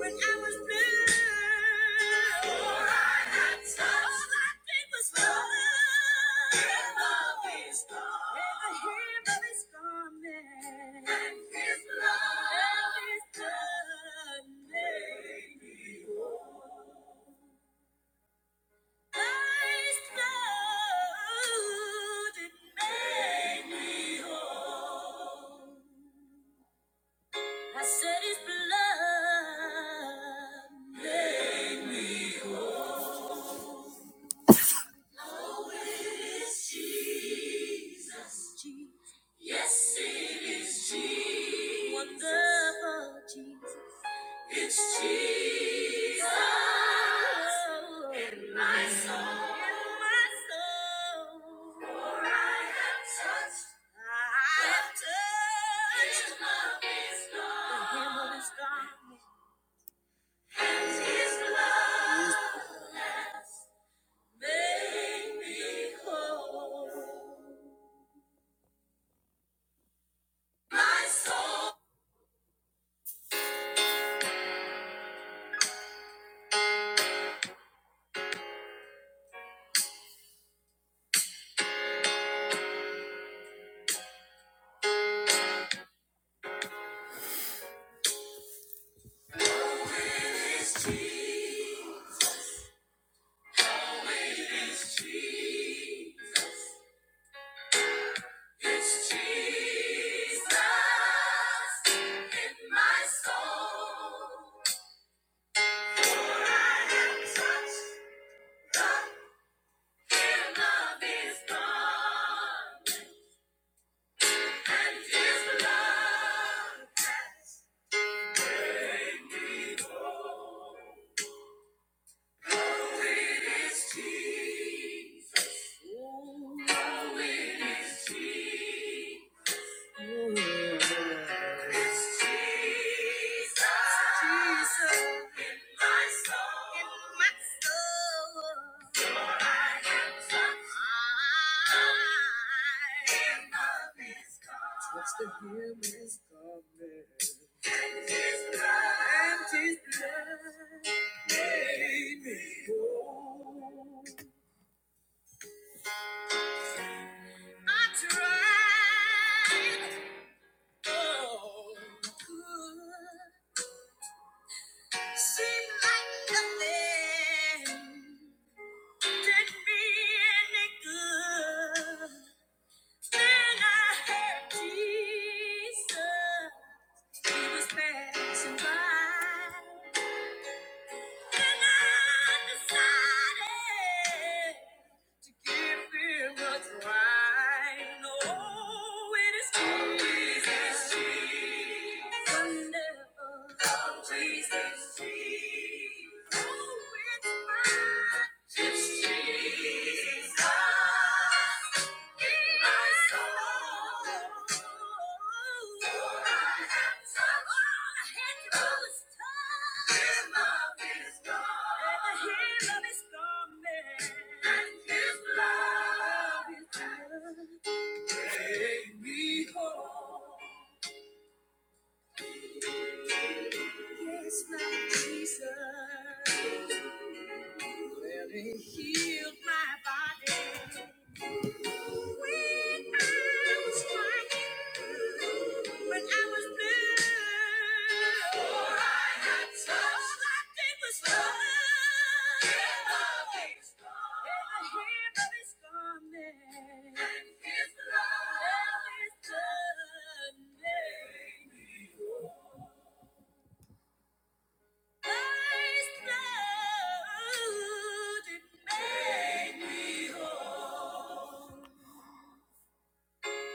When I was blue. I said his blood made me Oh, it is Jesus. Jesus. Yes, it is Jesus. Wonderful Jesus. It's Jesus. In my soul. For I have touched. I have touched. His love is gone. his love His blood. Make me whole. My soul is Jesus. Oh, it is Jesus. It's Jesus in my soul. For I have touched the hem of His garment, and His blood has made me whole. Oh, it is Jesus. It's Jesus Jesus in my soul, in my soul. For I And and His blood, and His love, made me whole. I tried. Seemed like nothing did me any good. When I had Jesus, He was satisfied. When I decided to give Him a try, oh, it is Jesus, wonderful Jesus, oh, it's my Jesus. Take me home. Yes, Lord Jesus. Let it heal my body. When I was crying, when I was blue.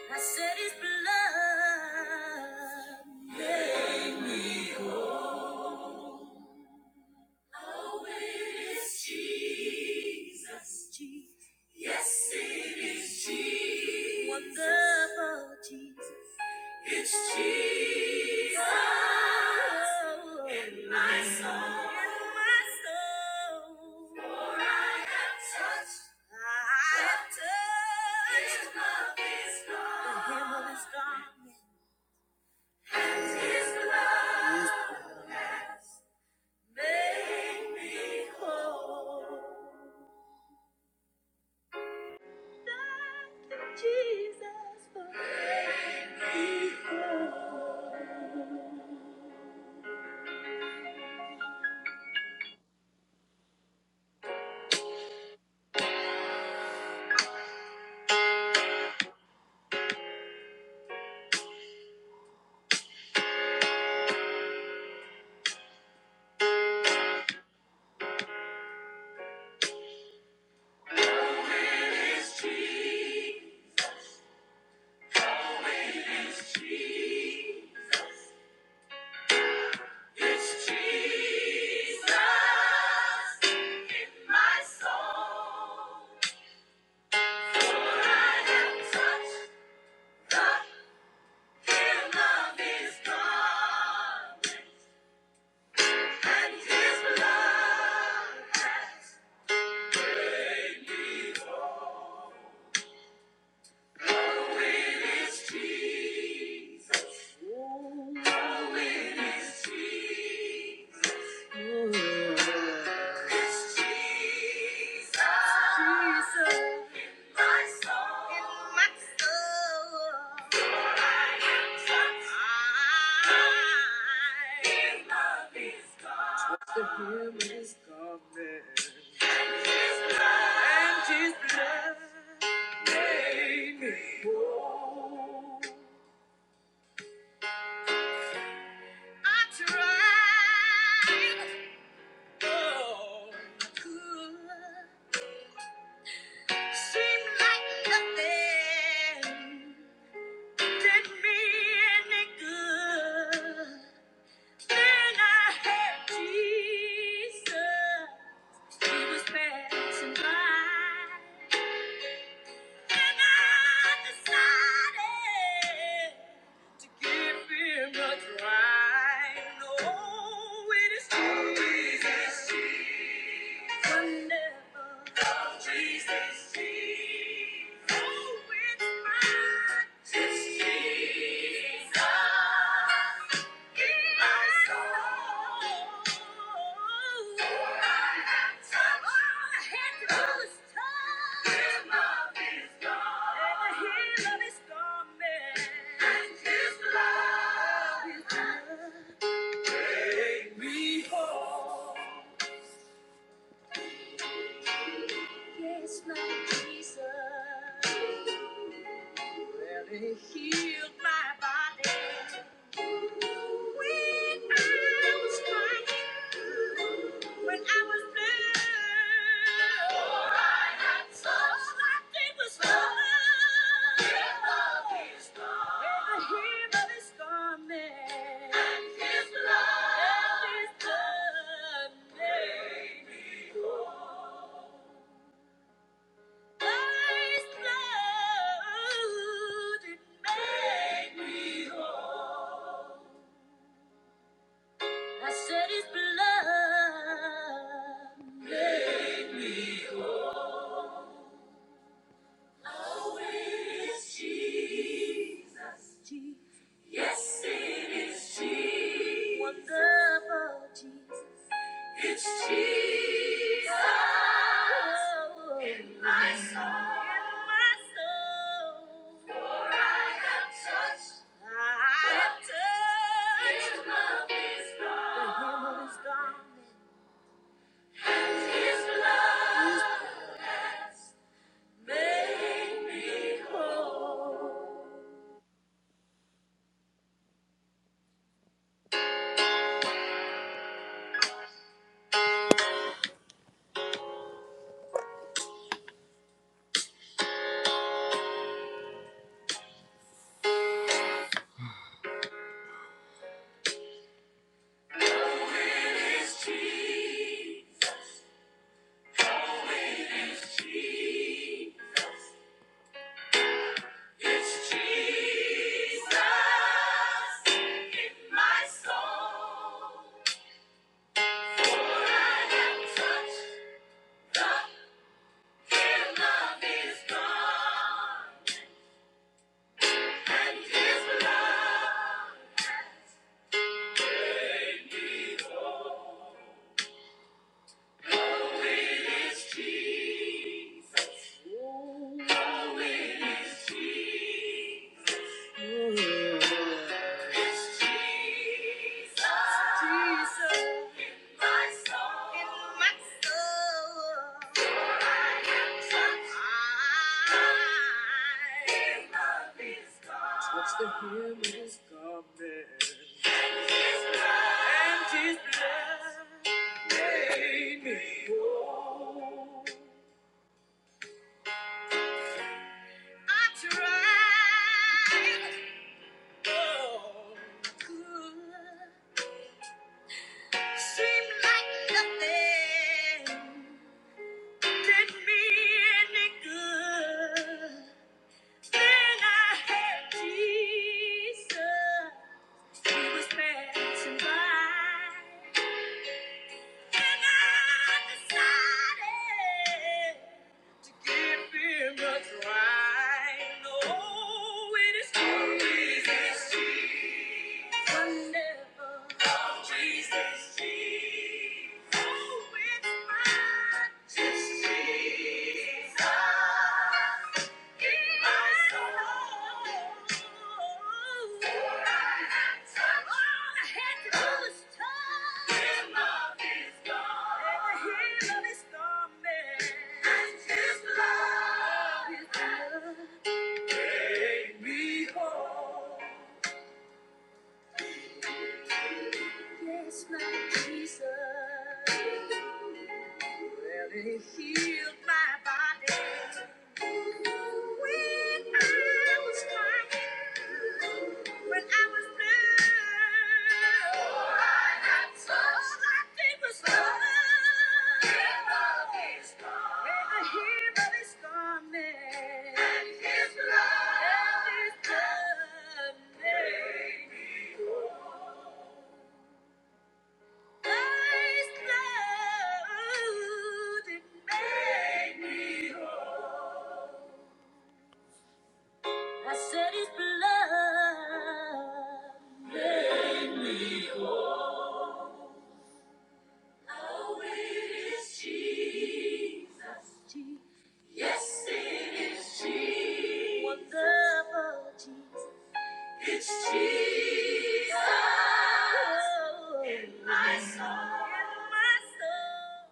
I said his blood made me Oh, it is Jesus. Jesus. Yes, it is Jesus. Wonderful Jesus. It's Jesus. In my soul. For I have touched. I have touched. The his The hem of his And his blood. His Make me whole. Thank you, Jesus. for It's Jesus. It's Jesus. It's Jesus in my soul. For I have touched the hem of His garment, and His blood has made me whole. Oh, it is Jesus. In my soul. In my soul. For I am touched. I- His love is God. And His blood. And His blood. Made me whole. I tried. Oh, I could. Seemed like nothing did me any good. Then I had Jesus. He was passing by, and I decided to give him a try. Oh, it is Jesus. Behold. Yes, Lord Jesus. Well, He healed my body. When I was crying, when I was blue. Oh, I got so I was love. His love is gone. And the hero is gone, man. And his love. And his love. made me. Christ's blood, made me whole. It is Jesus. Jesus. Yes, it is Jesus. Wonderful Jesus. It's Jesus in my soul. In For I have touched. His love his garment. has made me whole. It's Jesus in my soul. For I have touched. His love is strong, and His love Touch the hem of his garment. And his blood made me whole. I tried. Oh, good. Seemed like nothing did me any good. Then I had Jesus. He was passing by. And I decided. To give him a try. No, it is Jesus. I never. Oh, Jesus. Oh, it's mine. Yes, my Jesus. Well, it healed my body when I was crying, when I was blue. Oh, that's so- All I did was love. And the hero is gone. And his love. And his love made me whole. First love that made me. I said it's blood. Oh, it is Jesus. Yes, it is Jesus. It's Jesus. Oh, in my soul. In my soul.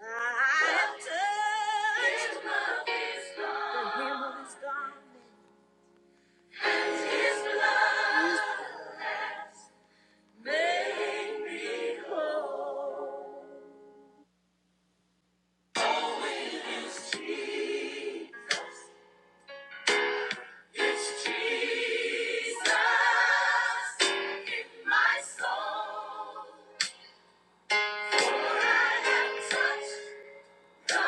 I am touched. The hem of his The hem of his His love made me whole. It's Jesus in my soul. For I have touched the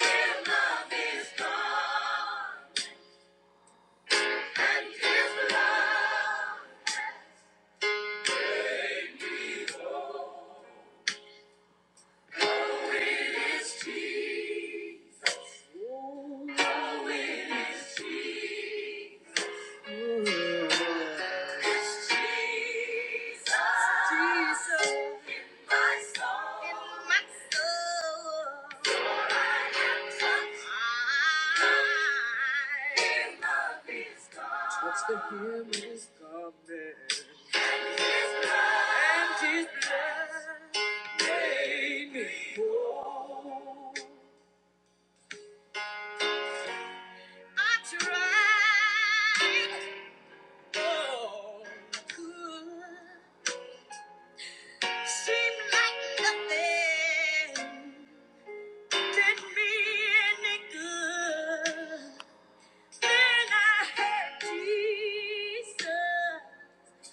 hem of His and His blood made me whole. Oh, it is Jesus. Touch the hem of his garment. And his blood made me whole. I tried. Seemed like nothing did me any good. Then I had Jesus.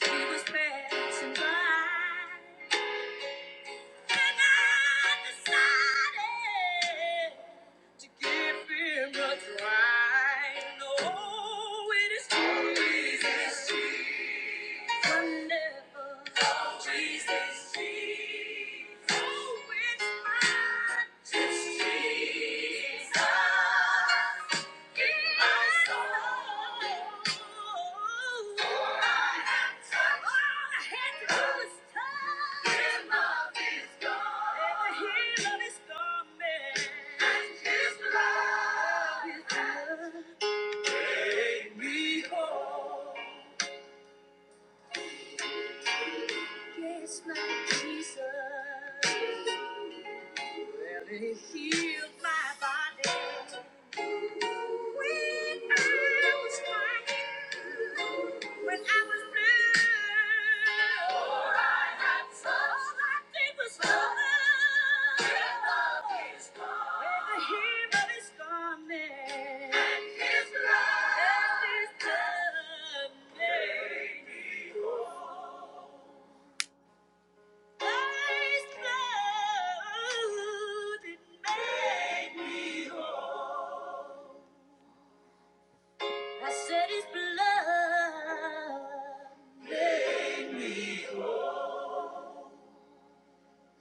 He was passing by. And I decided to give him a try. No, it is too easy. Made me whole. Yes, my Jesus. Well, it healed my body when I was crying, when I was blue. Oh, I got so all I did was love. Give his gone. the hero is gone, And his love. And his love. Made me Christ's blood that made me whole. I said His blood.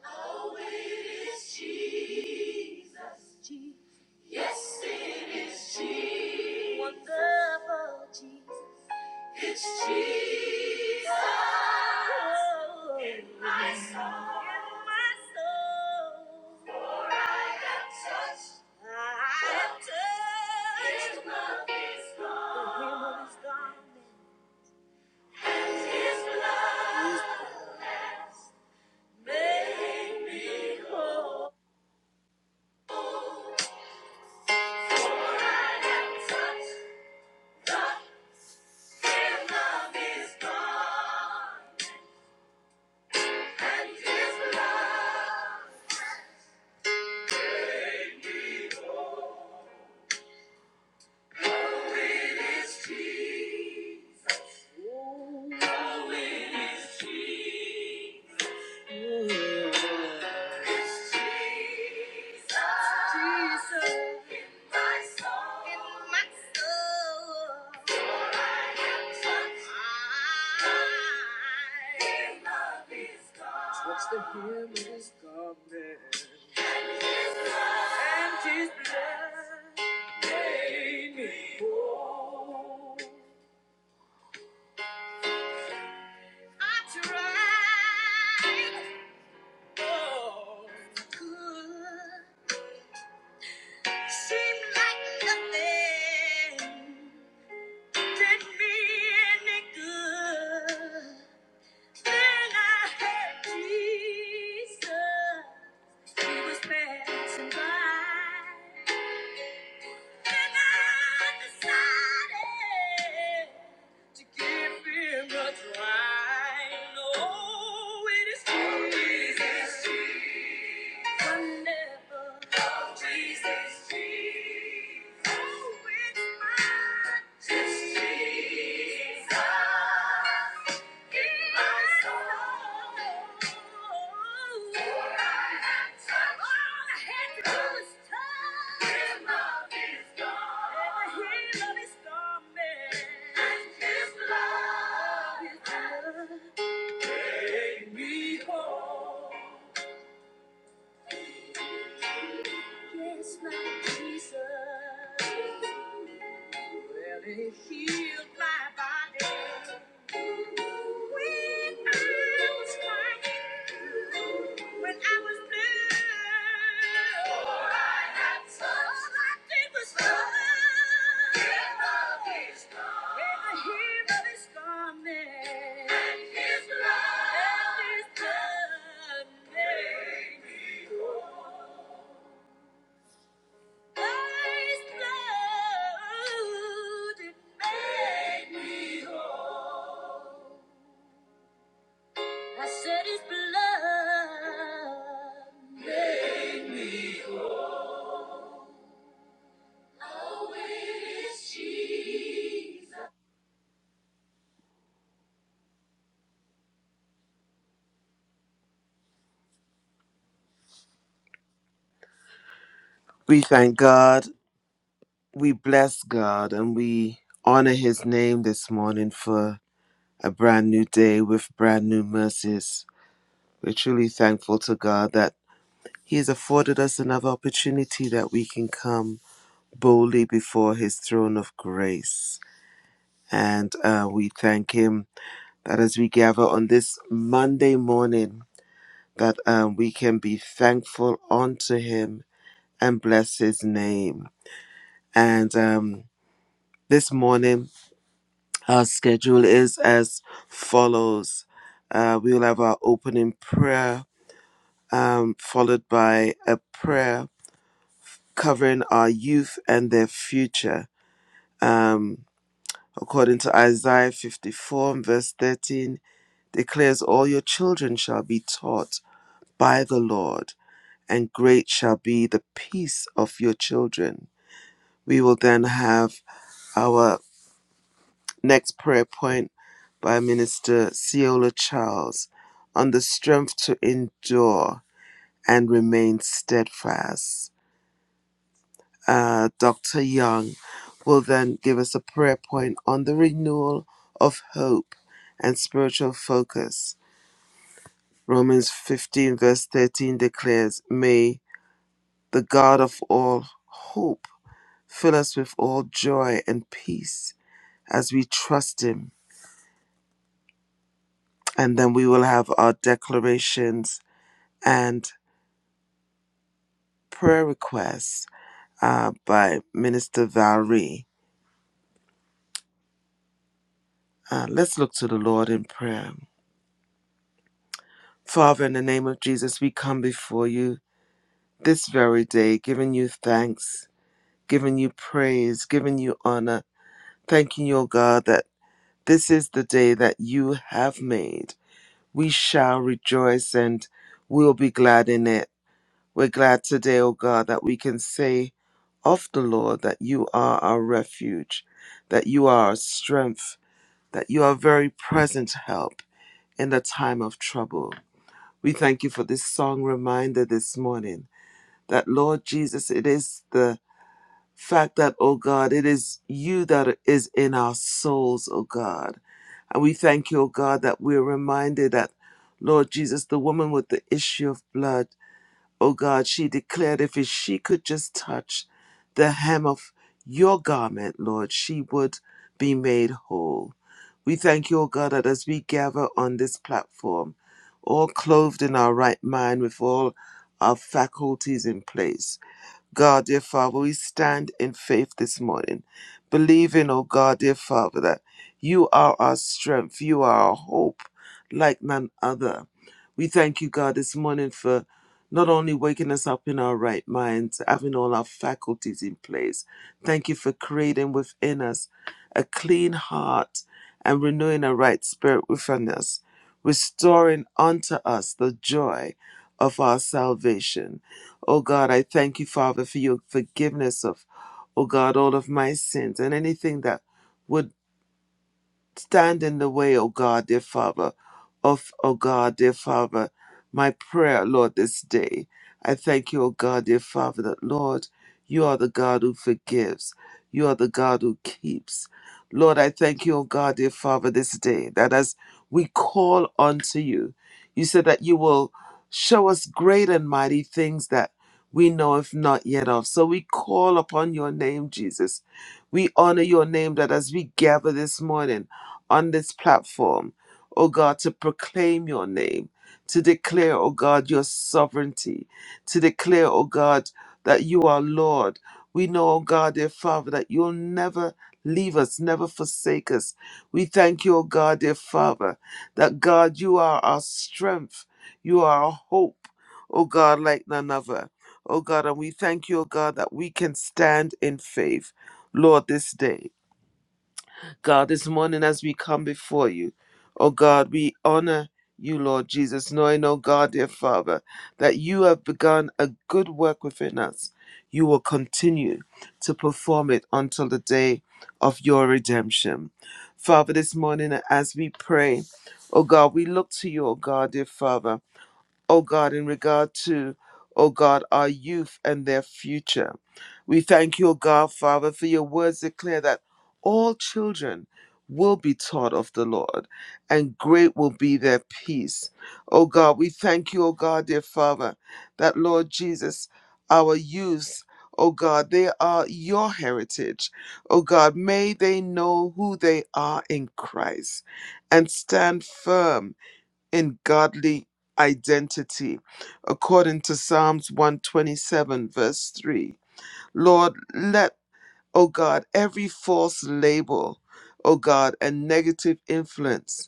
Oh, it is Jesus. Jesus. Yes, it is Jesus. Wonderful Jesus. It's Jesus, in my soul. For I have touched, His love, His love, garment, and His blood in me. For I have touched the hem of His garment and His blood. touch the gift of man? And his blood made me whole. I tried all I could. Seemed like nothing. did me any good. Then I had Jesus. He was passing by. Then I decided to give him a try. No, it is Jesus. Take me home. Yes, my Jesus. Well, it healed my body when I was crying, when I was blue. All I had was- all I did was love. Give of His love. And the hem of His garment. And His love. And His love. We thank God, we bless God, and we honor His name this morning for a brand new day with brand new mercies. We're truly thankful to God that He has afforded us another opportunity that we can come boldly before His throne of grace. And uh, we thank Him that as we gather on this Monday morning, that um, we can be thankful unto Him and bless His name. And um, this morning, our schedule is as follows: uh, we will have our opening prayer, um, followed by a prayer covering our youth and their future. Um, according to Isaiah 54 verse 13, declares, "All your children shall be taught by the Lord." and great shall be the peace of your children. We will then have our next prayer point by Minister Ciola Charles on the strength to endure and remain steadfast. Uh, Dr. Young will then give us a prayer point on the renewal of hope and spiritual focus. Romans 15, verse 13 declares, May the God of all hope Fill us with all joy and peace as we trust Him. And then we will have our declarations and prayer requests uh, by Minister Valerie. Uh, let's look to the Lord in prayer. Father, in the name of Jesus, we come before you this very day, giving you thanks, giving you praise, giving you honor, thanking you, O God, that this is the day that you have made. We shall rejoice and we'll be glad in it. We're glad today, O God, that we can say of the Lord that you are our refuge, that you are our strength, that you are very present help in the time of trouble. We thank you for this song reminder this morning that, Lord Jesus, it is the fact that, O God, it is you that is in our souls, O God. And we thank you, O God, that we're reminded that, Lord Jesus, the woman with the issue of blood. Oh God, she declared if she could just touch the hem of your garment, Lord, she would be made whole. We thank you, O God, that as we gather on this platform, all clothed in our right mind with all our faculties in place, God, dear Father, we stand in faith this morning, believing, oh God, dear Father, that you are our strength, you are our hope like none other. We thank you, God, this morning for not only waking us up in our right minds, having all our faculties in place. Thank you for creating within us a clean heart and renewing a right spirit within us, restoring unto us the joy of our salvation Oh God, I thank you, Father, for your forgiveness of, oh God, all of my sins and anything that would stand in the way, O God, dear Father, of, O God, dear Father, my prayer, Lord, this day. I thank you, O God, dear Father, that, Lord, you are the God who forgives. You are the God who keeps. Lord, I thank you, O God, dear Father, this day, that as we call unto you, you said that you will show us great and mighty things that we know if not yet of. So we call upon your name, Jesus. We honor your name that as we gather this morning, on this platform, oh God, to proclaim your name, to declare, oh God, your sovereignty, to declare, oh God, that you are Lord. We know, oh God, dear Father, that you'll never leave us, never forsake us. We thank you, oh God, dear Father, that God, you are our strength, you are our hope, oh God, like none other. Oh God, and we thank you, oh God, that we can stand in faith, Lord, this day. God, this morning as we come before you, oh God, we honor you, Lord Jesus, knowing, oh God, dear Father, that you have begun a good work within us. You will continue to perform it until the day of your redemption. Father, this morning as we pray, oh God, we look to you, oh God, dear Father. O God, in regard to, O God, our youth and their future. We thank you, O God, Father, for your words declare that all children will be taught of the Lord, and great will be their peace. O God, we thank you, O God, dear Father, that Lord Jesus, our youth, O God, they are your heritage. O God, may they know who they are in Christ and stand firm in godly identity, according to Psalms 127, verse 3. Lord, let, O God, every false label, O God, and negative influence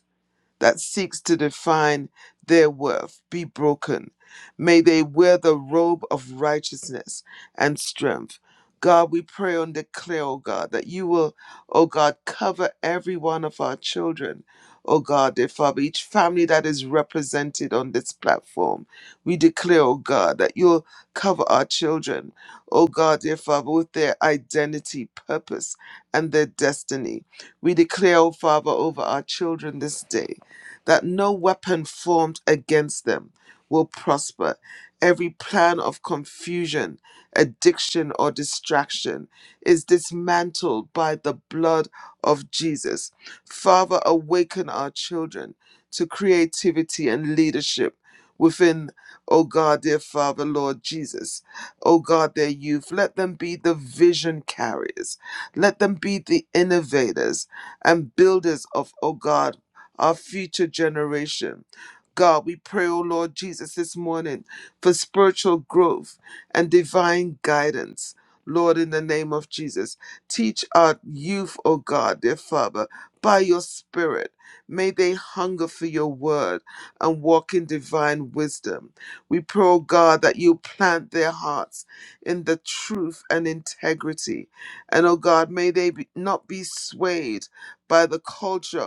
that seeks to define their worth be broken. May they wear the robe of righteousness and strength. God, we pray and declare, oh God, that you will, oh God, cover every one of our children. Oh God, dear Father, each family that is represented on this platform, we declare, oh God, that you'll cover our children, oh God, dear Father, with their identity, purpose, and their destiny. We declare, oh Father, over our children this day that no weapon formed against them will prosper. Every plan of confusion, addiction, or distraction is dismantled by the blood of Jesus. Father, awaken our children to creativity and leadership within, oh God, dear Father, Lord Jesus. Oh God, their youth, let them be the vision carriers. Let them be the innovators and builders of, oh God our future generation. God, we pray, O Lord Jesus, this morning for spiritual growth and divine guidance. Lord, in the name of Jesus, teach our youth, O God, dear Father, by your Spirit. May they hunger for your word and walk in divine wisdom. We pray, O God, that you plant their hearts in the truth and integrity. And, O God, may they be, not be swayed by the culture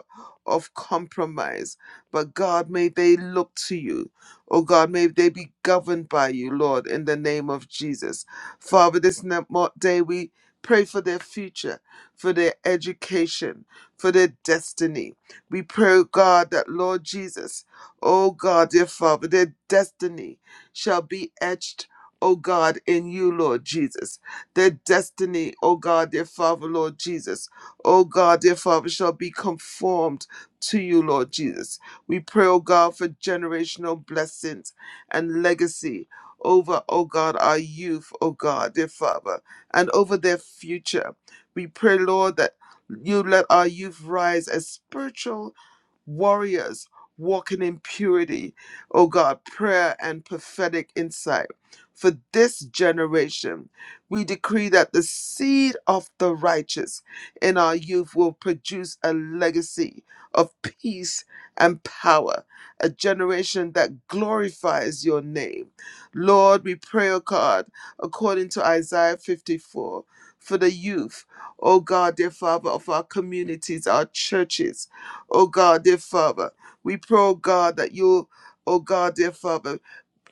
of compromise. But God, may they look to you. Oh God, may they be governed by you, Lord, in the name of Jesus. Father, this ne- mo- day we pray for their future, for their education, for their destiny. We pray, oh God, that Lord Jesus, oh God, dear Father, their destiny shall be etched. Oh God, in you, Lord Jesus. Their destiny, oh God, dear Father, Lord Jesus. Oh God, dear Father, shall be conformed to you, Lord Jesus. We pray, oh God, for generational blessings and legacy over, oh God, our youth, oh God, dear Father, and over their future. We pray, Lord, that you let our youth rise as spiritual warriors walking in purity, oh God, prayer and prophetic insight. For this generation, we decree that the seed of the righteous in our youth will produce a legacy of peace and power, a generation that glorifies your name. Lord, we pray, oh God, according to Isaiah 54, for the youth, oh God, dear Father, of our communities, our churches, Oh God, dear Father, we pray, oh God, that you, oh God, dear Father,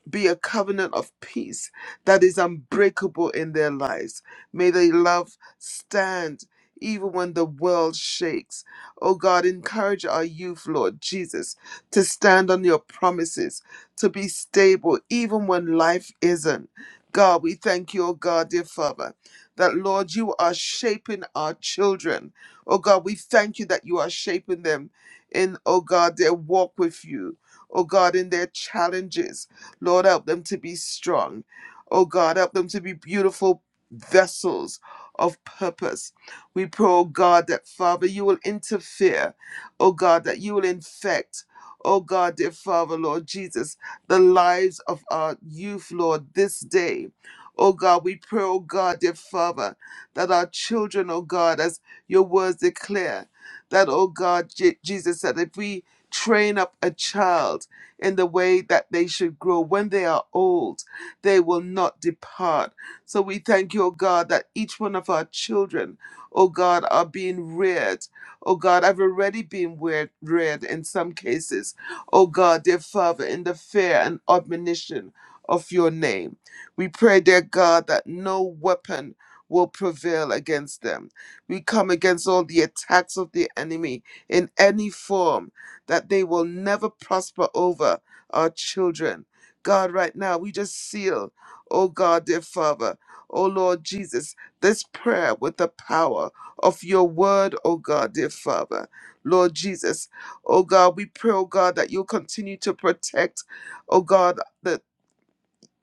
be a covenant of peace that is unbreakable in their lives. May their love stand even when the world shakes. Oh God, encourage our youth, Lord Jesus, to stand on your promises, to be stable even when life isn't. God, we thank you, oh God, dear Father, that Lord, you are shaping our children. Oh God, we thank you that you are shaping them in, oh God, their walk with you. Oh God, in their challenges. Lord, help them to be strong. Oh God, help them to be beautiful vessels of purpose. We pray, oh God, that Father, you will interfere. Oh God, that you will infect. Oh God, dear Father, Lord Jesus, the lives of our youth, Lord, this day. Oh God, we pray, oh God, dear Father, that our children, oh God, as your words declare, that, oh God, Je- Jesus said, if we train up a child, in the way that they should grow. When they are old, they will not depart. So we thank you, O God, that each one of our children, O God, are being reared. O God, i have already been reared, reared in some cases. O God, dear Father, in the fear and admonition of your name. We pray, dear God, that no weapon will prevail against them. We come against all the attacks of the enemy in any form that they will never prosper over our children. God, right now, we just seal, oh God, dear Father, oh Lord Jesus, this prayer with the power of your word, oh God, dear Father. Lord Jesus, oh God, we pray, oh God, that you'll continue to protect, oh God, the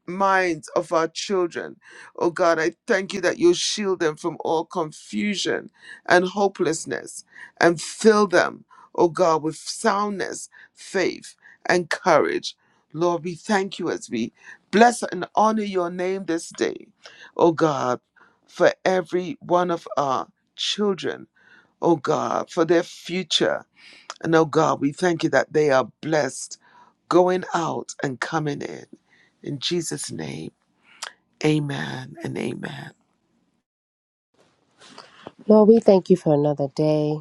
minds of our children. Oh God, I thank you that you shield them from all confusion and hopelessness and fill them, oh God, with soundness, faith, and courage. Lord, we thank you as we bless and honor your name this day, oh God, for every one of our children, oh God, for their future. And oh God, we thank you that they are blessed going out and coming in. In Jesus' name, amen and amen. Lord, we thank you for another day.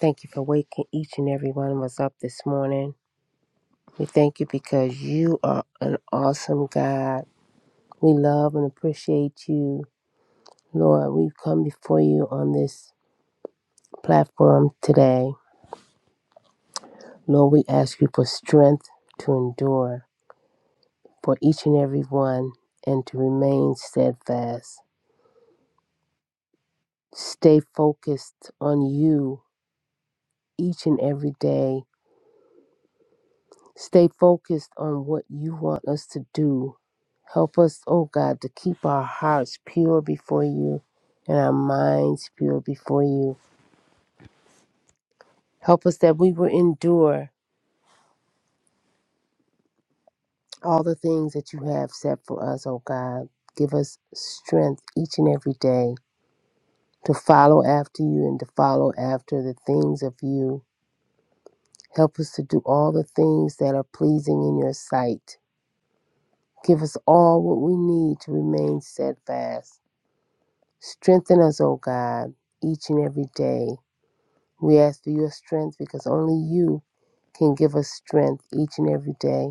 Thank you for waking each and every one of us up this morning. We thank you because you are an awesome God. We love and appreciate you. Lord, we've come before you on this platform today. Lord, we ask you for strength to endure for each and every one and to remain steadfast. Stay focused on you each and every day Stay focused on what you want us to do. Help us, oh God, to keep our hearts pure before you and our minds pure before you. Help us that we will endure all the things that you have set for us, oh God. Give us strength each and every day to follow after you and to follow after the things of you. Help us to do all the things that are pleasing in your sight. Give us all what we need to remain steadfast Strengthen us, O God, each and every day. We ask for your strength because only you can give us strength each and every day.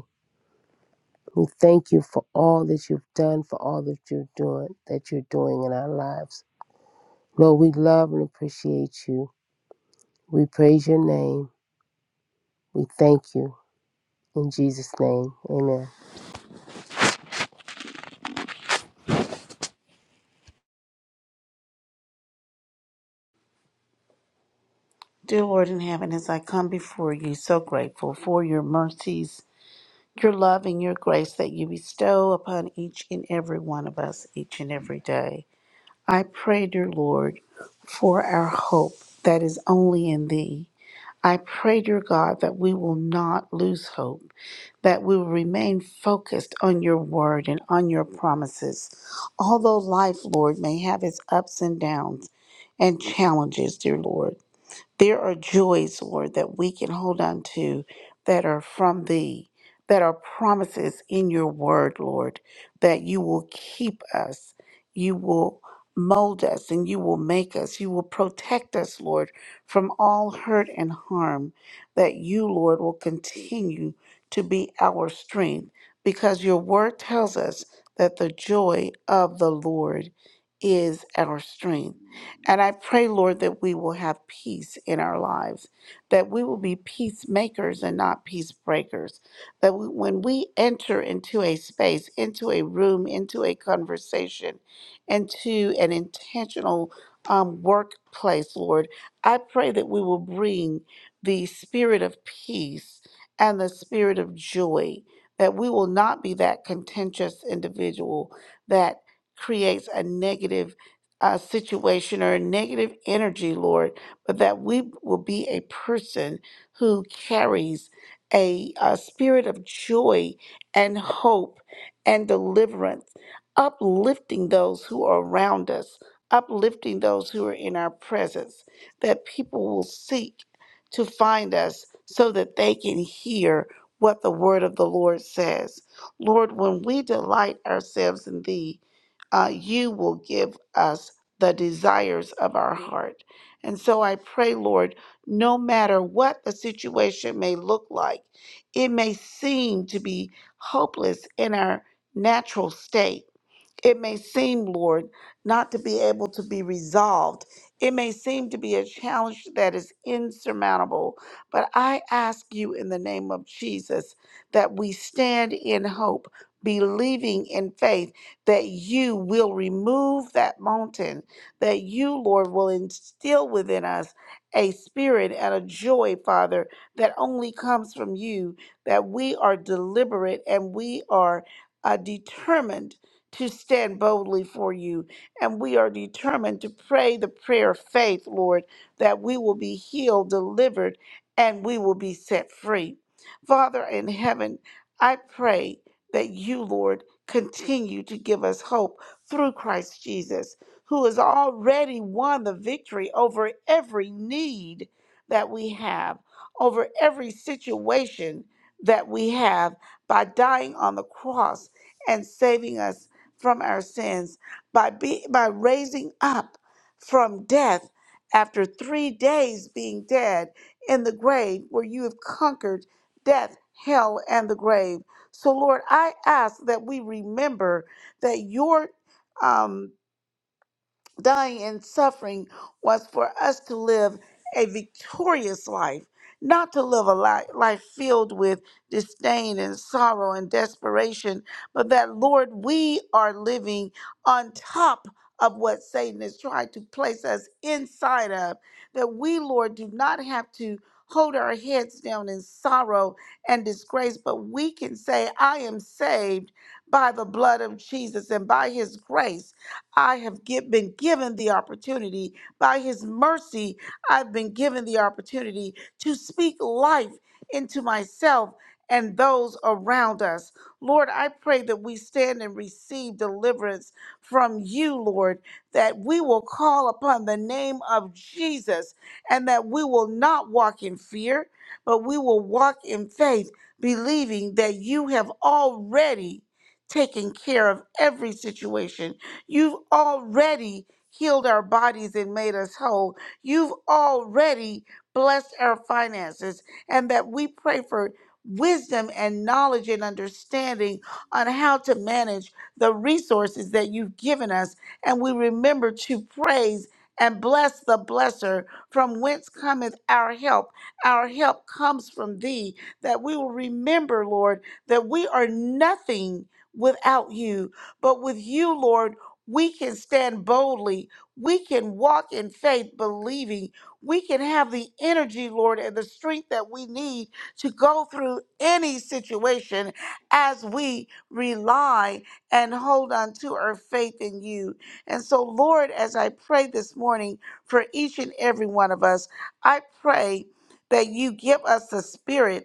We thank you for all that you've done, for all that you're doing, that you're doing in our lives. Lord, we love and appreciate you. We praise your name. We thank you. In Jesus' name, amen. Dear Lord in heaven, as I come before you, so grateful for your mercies, your love, and your grace that you bestow upon each and every one of us each and every day. I pray, dear Lord, for our hope that is only in thee. I pray, dear God, that we will not lose hope, that we will remain focused on your word and on your promises. Although life, Lord, may have its ups and downs and challenges, dear Lord. There are joys, Lord, that we can hold on to that are from thee, that are promises in your word, Lord, that you will keep us, you will mold us, and you will make us, you will protect us, Lord, from all hurt and harm, that you, Lord, will continue to be our strength, because your word tells us that the joy of the Lord is our strength. And I pray, Lord, that we will have peace in our lives, that we will be peacemakers and not peace breakers. That we, when we enter into a space, into a room, into a conversation, into an intentional um, workplace, Lord, I pray that we will bring the spirit of peace and the spirit of joy, that we will not be that contentious individual that creates a negative uh, situation or a negative energy, Lord, but that we will be a person who carries a, a spirit of joy and hope and deliverance, uplifting those who are around us, uplifting those who are in our presence, that people will seek to find us so that they can hear what the word of the Lord says. Lord, when we delight ourselves in Thee, uh, you will give us the desires of our heart. And so I pray, Lord, no matter what the situation may look like, it may seem to be hopeless in our natural state. It may seem, Lord, not to be able to be resolved. It may seem to be a challenge that is insurmountable, but I ask you in the name of Jesus that we stand in hope, believing in faith that you will remove that mountain, that you, Lord, will instill within us a spirit and a joy, Father, that only comes from you, that we are deliberate and we are uh, determined to stand boldly for you. And we are determined to pray the prayer of faith, Lord, that we will be healed, delivered, and we will be set free. Father in heaven, I pray that you, Lord, continue to give us hope through Christ Jesus, who has already won the victory over every need that we have, over every situation that we have by dying on the cross and saving us from our sins by be, by raising up from death after 3 days being dead in the grave where you have conquered death hell and the grave so lord i ask that we remember that your um dying and suffering was for us to live a victorious life, not to live a li- life filled with disdain and sorrow and desperation, but that, Lord, we are living on top of what Satan has tried to place us inside of, that we, Lord, do not have to. Hold our heads down in sorrow and disgrace, but we can say, I am saved by the blood of Jesus and by his grace. I have gi- been given the opportunity. By his mercy, I've been given the opportunity to speak life into myself and those around us. Lord, I pray that we stand and receive deliverance from you, Lord, that we will call upon the name of Jesus and that we will not walk in fear, but we will walk in faith, believing that you have already taken care of every situation You've already healed our bodies and made us whole. You've already blessed our finances, and that we pray for wisdom and knowledge and understanding on how to manage the resources that you've given us. And we remember to praise and bless the blesser from whence cometh our help. Our help comes from thee, that we will remember, Lord, that we are nothing without you, but with you, Lord we can stand boldly. We can walk in faith, believing. We can have the energy, Lord, and the strength that we need to go through any situation as we rely and hold on to our faith in you. And so, Lord, as I pray this morning for each and every one of us, I pray that you give us the spirit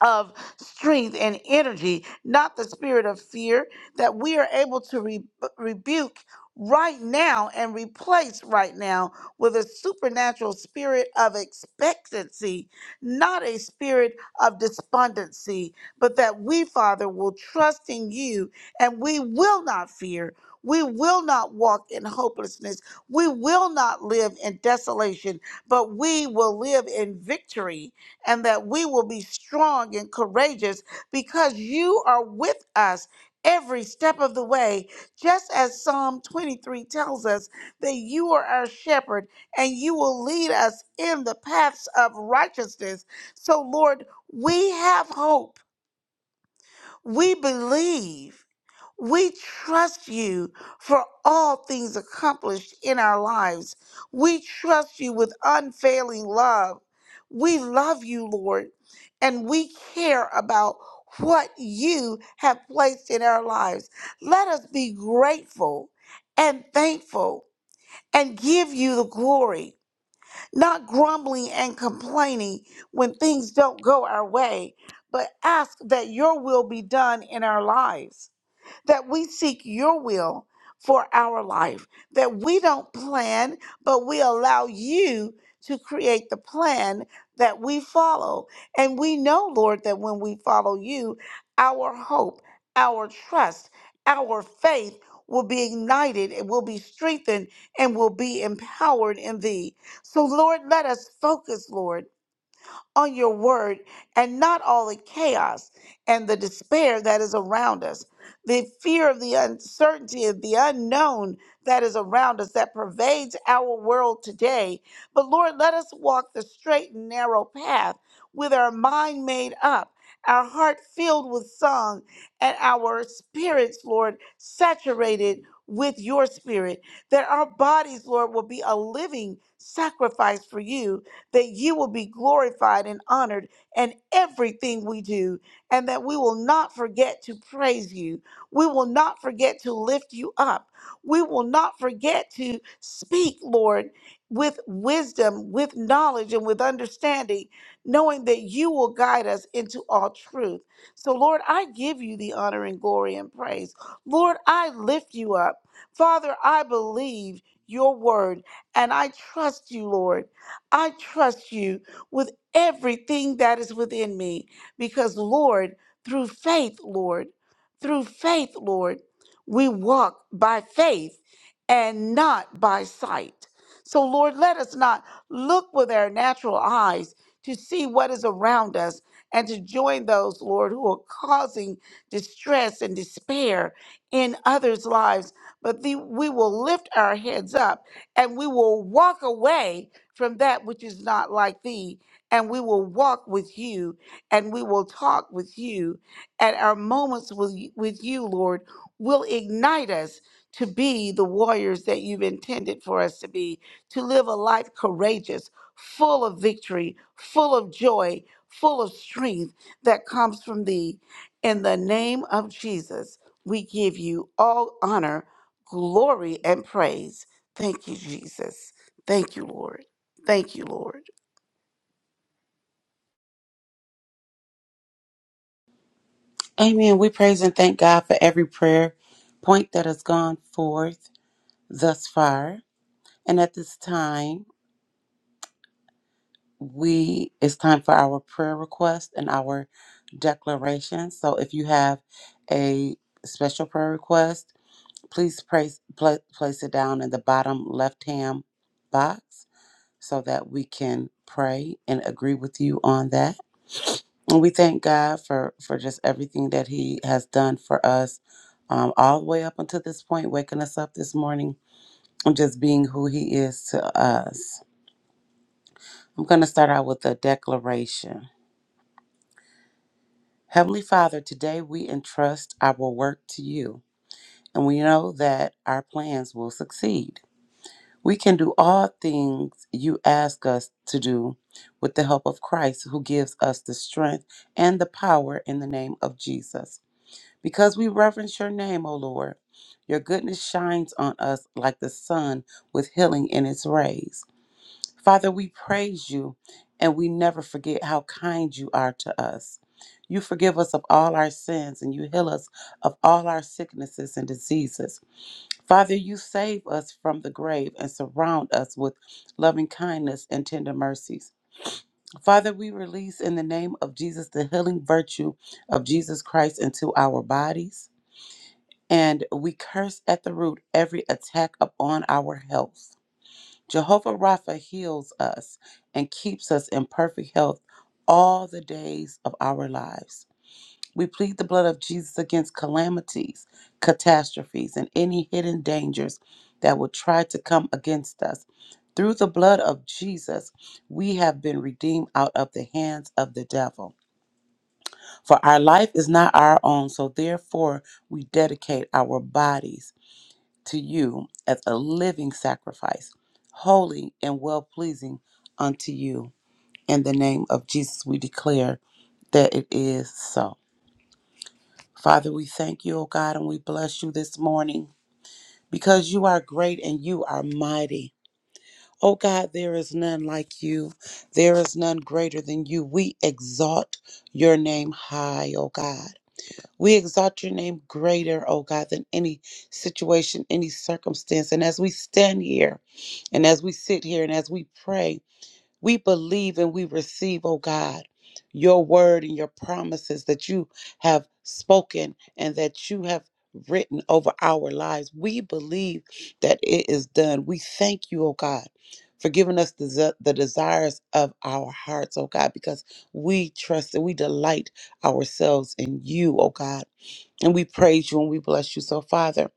of strength and energy, not the spirit of fear, that we are able to re- rebuke right now and replace right now with a supernatural spirit of expectancy, not a spirit of despondency, but that we, Father, will trust in you and we will not fear. We will not walk in hopelessness. We will not live in desolation, but we will live in victory and that we will be strong and courageous because you are with us every step of the way. Just as Psalm 23 tells us that you are our shepherd and you will lead us in the paths of righteousness. So, Lord, we have hope we believe. We trust you for all things accomplished in our lives. We trust you with unfailing love. We love you, Lord, and we care about what you have placed in our lives. Let us be grateful and thankful and give you the glory not grumbling and complaining when things don't go our way, but ask that your will be done in our lives that we seek your will for our life, that we don't plan, but we allow you to create the plan that we follow. And we know, Lord, that when we follow you, our hope, our trust, our faith will be ignited, it will be strengthened, and will be empowered in thee. So, Lord, let us focus, Lord on your word and not all the chaos and the despair that is around us, the fear of the uncertainty of the unknown that is around us that pervades our world today. But Lord, let us walk the straight and narrow path with our mind made up, our heart filled with song, and our spirits, Lord, saturated with your spirit, that our bodies, Lord, will be a living sacrifice for you that you will be glorified and honored in everything we do, and that we will not forget to praise you. We will not forget to lift you up. We will not forget to speak, Lord, with wisdom, with knowledge, and with understanding, knowing that you will guide us into all truth. So, Lord, I give you the honor and glory and praise. Lord, I lift you up. Father, I believe your word and I trust you, Lord. I trust you with everything that is within me because, Lord, through faith, Lord, through faith, Lord, we walk by faith and not by sight. So, Lord, let us not look with our natural eyes to see what is around us and to join those, Lord, who are causing distress and despair in others' lives. But the, we will lift our heads up and we will walk away from that which is not like thee. And we will walk with you and we will talk with you. And our moments with with you, Lord, will ignite us to be the warriors that you've intended for us to be, to live a life courageous, full of victory, full of joy, full of strength that comes from thee. In the name of Jesus, we give you all honor, glory, and praise. Thank you, Jesus. Thank you, Lord. Thank you, Lord. Amen. We praise and thank God for every prayer point that has gone forth thus far. And at this time, we it's time for our prayer request and our declaration. So if you have a special prayer request, please place pla- place it down in the bottom left-hand box so that we can pray and agree with you on that. And we thank God for for just everything that He has done for us, um, all the way up until this point, waking us up this morning and just being who He is to us. I'm going to start out with a declaration. Heavenly Father, today we entrust our work to you, and we know that our plans will succeed. We can do all things you ask us to do with the help of Christ, who gives us the strength and the power in the name of Jesus. Because we reverence your name, O Lord, your goodness shines on us like the sun with healing in its rays. Father, we praise you and we never forget how kind you are to us. You forgive us of all our sins and you heal us of all our sicknesses and diseases. Father, you save us from the grave and surround us with loving kindness and tender mercies. Father, we release in the name of Jesus the healing virtue of Jesus Christ into our bodies and we curse at the root every attack upon our health. Jehovah Rapha heals us and keeps us in perfect health all the days of our lives. We plead the blood of Jesus against calamities, catastrophes, and any hidden dangers that would try to come against us. Through the blood of Jesus, we have been redeemed out of the hands of the devil. For our life is not our own, so therefore we dedicate our bodies to you as a living sacrifice, holy and well pleasing unto you. In the name of Jesus, we declare that it is so. Father, we thank you, O God, and we bless you this morning because you are great and you are mighty. O God, there is none like you. There is none greater than you. We exalt your name high, O God. We exalt your name greater, oh God, than any situation, any circumstance. And as we stand here and as we sit here and as we pray, we believe and we receive, oh God, your word and your promises that you have spoken and that you have written over our lives. We believe that it is done. We thank you, oh God. For giving us the, ze- the desires of our hearts, oh God, because we trust and we delight ourselves in you, oh God. And we praise you and we bless you. So, Father,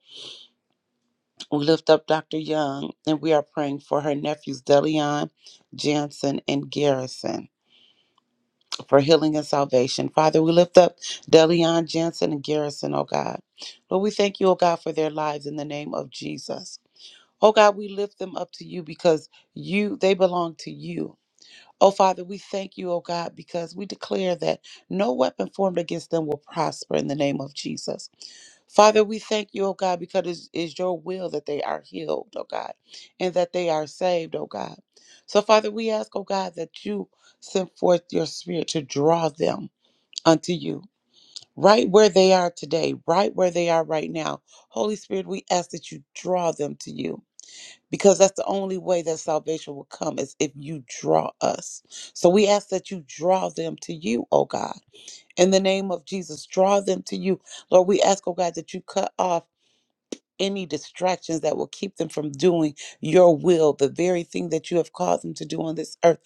we lift up Dr. Young and we are praying for her nephews, Delion, Jansen, and Garrison for healing and salvation. Father, we lift up Delion, Jansen, and Garrison, oh God. Lord, we thank you, oh God, for their lives in the name of Jesus. Oh God, we lift them up to you because you they belong to you. Oh Father, we thank you, oh God, because we declare that no weapon formed against them will prosper in the name of Jesus. Father, we thank you, oh God, because it's, it's your will that they are healed, oh God, and that they are saved, oh God. So, Father, we ask, oh God, that you send forth your spirit to draw them unto you, right where they are today, right where they are right now. Holy Spirit, we ask that you draw them to you. Because that's the only way that salvation will come is if you draw us. So we ask that you draw them to you, oh God. In the name of Jesus, draw them to you. Lord, we ask, oh God, that you cut off any distractions that will keep them from doing your will, the very thing that you have called them to do on this earth,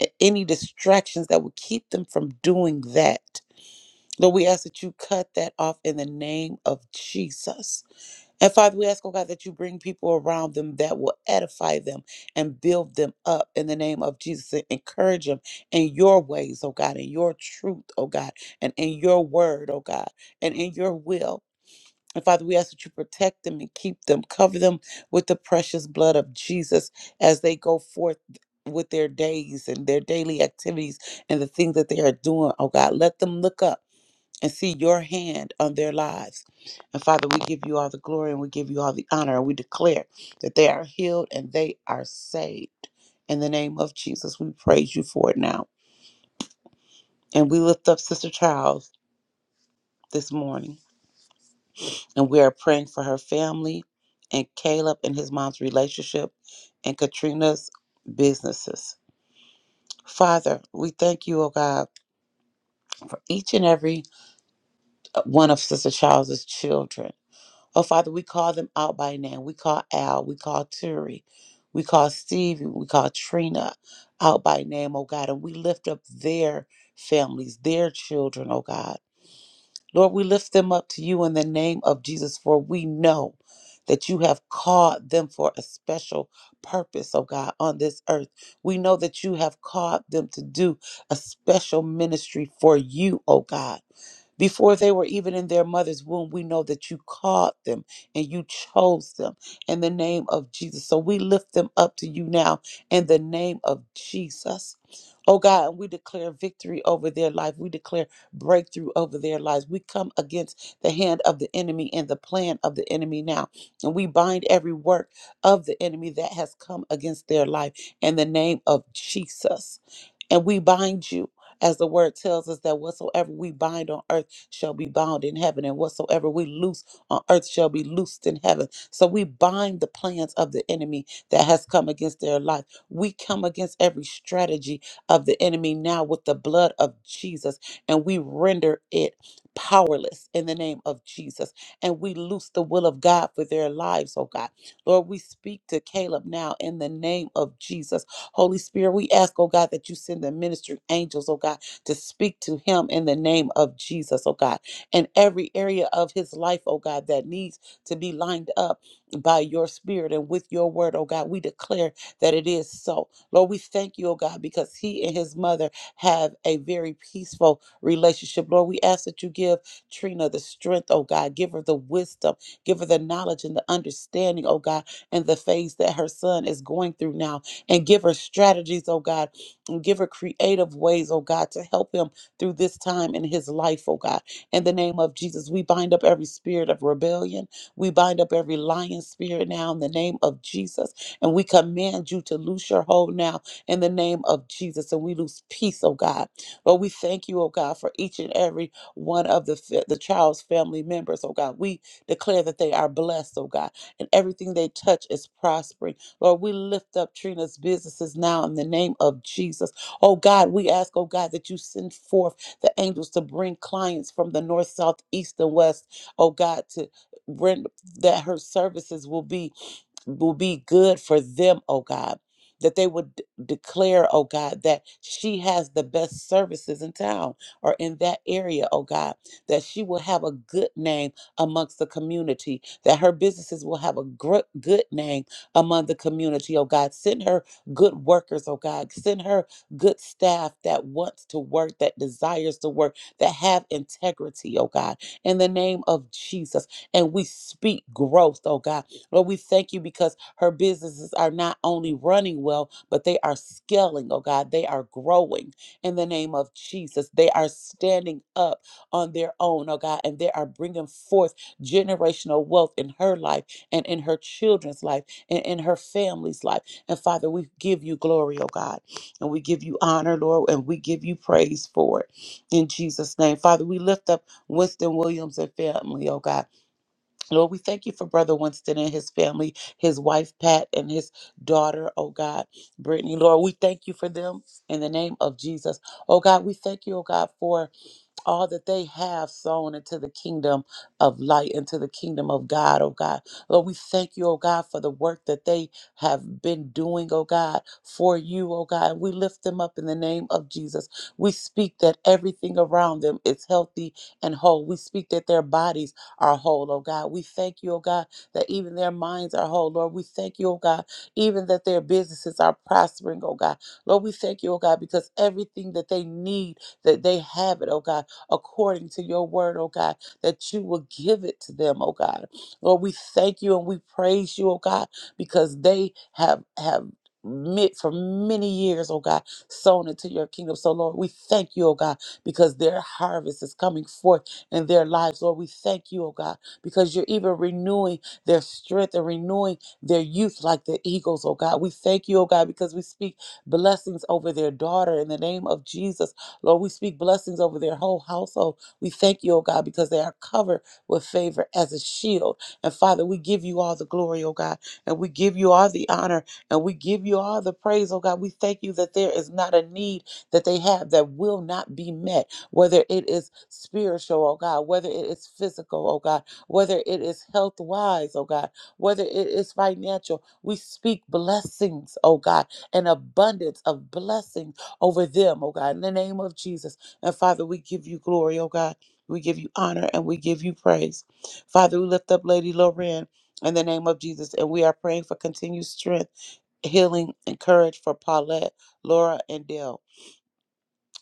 a- any distractions that will keep them from doing that. Lord, we ask that you cut that off in the name of Jesus. And Father, we ask, oh God, that you bring people around them that will edify them and build them up in the name of Jesus and encourage them in your ways, oh God, in your truth, oh God, and in your word, oh God, and in your will. And Father, we ask that you protect them and keep them, cover them with the precious blood of Jesus as they go forth with their days and their daily activities and the things that they are doing. Oh God, let them look up and see your hand on their lives. And Father, we give you all the glory and we give you all the honor. And we declare that they are healed and they are saved. In the name of Jesus, we praise you for it now. And we lift up Sister Charles this morning. And we are praying for her family and Caleb and his mom's relationship and Katrina's businesses. Father, we thank you, oh God, for each and every uh, one of Sister Charles's children. Oh Father, we call them out by name. We call Al, we call Turi, we call Stevie, we call Trina out by name, oh God, and we lift up their families, their children, oh God. Lord, we lift them up to you in the name of Jesus, for we know that you have called them for a special purpose, oh God, on this earth. We know that you have called them to do a special ministry for you, oh God. Before they were even in their mother's womb, we know that you called them and you chose them in the name of Jesus. So we lift them up to you now in the name of Jesus. Oh God, and we declare victory over their life. We declare breakthrough over their lives. We come against the hand of the enemy and the plan of the enemy now. And we bind every work of the enemy that has come against their life in the name of Jesus. And we bind you. As the word tells us that whatsoever we bind on earth shall be bound in heaven, and whatsoever we loose on earth shall be loosed in heaven. So we bind the plans of the enemy that has come against their life. We come against every strategy of the enemy now with the blood of Jesus and we render it powerless in the name of Jesus. And we loose the will of God for their lives, oh God. Lord, we speak to Caleb now in the name of Jesus. Holy Spirit, we ask, oh God, that you send the ministering angels, oh God, to speak to him in the name of Jesus, oh God. And every area of his life, oh God, that needs to be lined up by your spirit and with your word, oh God, we declare that it is so. Lord, we thank you, oh God, because he and his mother have a very peaceful relationship. Lord, we ask that you give Trina the strength, oh God. Give her the wisdom, give her the knowledge and the understanding, oh God, and the phase that her son is going through now. And give her strategies, oh God, and give her creative ways, oh God, to help him through this time in his life, oh God. In the name of Jesus, we bind up every spirit of rebellion. We bind up every lying spirit now in the name of Jesus. And we command you to loose your hold now in the name of Jesus. And we lose peace, oh God. Lord, we thank you, oh God, for each and every one of the, fa- the child's family members, oh God. We declare that they are blessed, oh God, and everything they touch is prospering. Lord, we lift up Trina's businesses now in the name of Jesus. Oh God, we ask, oh God, that you send forth the angels to bring clients from the north, south, east, and west, oh God, to bring that her services will be will be good for them, oh God. That they would d- declare, oh God, that she has the best services in town or in that area, oh God. That she will have a good name amongst the community. That her businesses will have a gr- good name among the community, oh God. Send her good workers, oh God. Send her good staff that wants to work, that desires to work, that have integrity, oh God. In the name of Jesus. And we speak growth, oh God Lord, we thank you because her businesses are not only running well, but they are scaling, oh God. They are growing in the name of Jesus. They are standing up on their own, oh God, and they are bringing forth generational wealth in her life and in her children's life and in her family's life. And Father, we give you glory, oh God, and we give you honor, Lord, and we give you praise for it in Jesus' name. Father, we lift up Winston Williams and family, oh God. Lord, we thank you for Brother Winston and his family, his wife Pat and his daughter, oh God, Brittany. Lord, we thank you for them in the name of Jesus. Oh God, we thank you, oh God, for all that they have sown into the kingdom of light, into the kingdom of God, oh God. Lord, we thank you, oh God, for the work that they have been doing, oh God, for you, oh God. We lift them up in the name of Jesus. We speak that everything around them is healthy and whole. We speak that their bodies are whole, oh God. We thank you, oh God, that even their minds are whole, Lord. We thank you, oh God, even that their businesses are prospering, oh God. Lord, we thank you, oh God, because everything that they need that they have it, oh God according to your word, oh God, that you will give it to them, oh God. Lord, we thank you and we praise you, oh God, because they have have mi- for many years, oh God, sown into your kingdom. So, Lord, we thank you, oh God, because their harvest is coming forth in their lives. Lord, we thank you, oh God, because you're even renewing their strength and renewing their youth like the eagles, oh God. We thank you, oh God, because we speak blessings over their daughter in the name of Jesus. Lord, we speak blessings over their whole household. We thank you, oh God, because they are covered with favor as a shield. And Father, we give you all the glory, oh God, and we give you all the honor, and we give you all the praise, oh God. We thank you that there is not a need that they have that will not be met, whether it is spiritual, oh God, whether it is physical, oh God, whether it is health wise, oh God, whether it is financial. We speak blessings, oh God, an abundance of blessings over them, oh God, in the name of Jesus. And Father, we give you glory, oh God. We give you honor and we give you praise. Father, we lift up Lady Loren in the name of Jesus, and we are praying for continued strength, healing, and courage for Paulette, Laura, and Dell.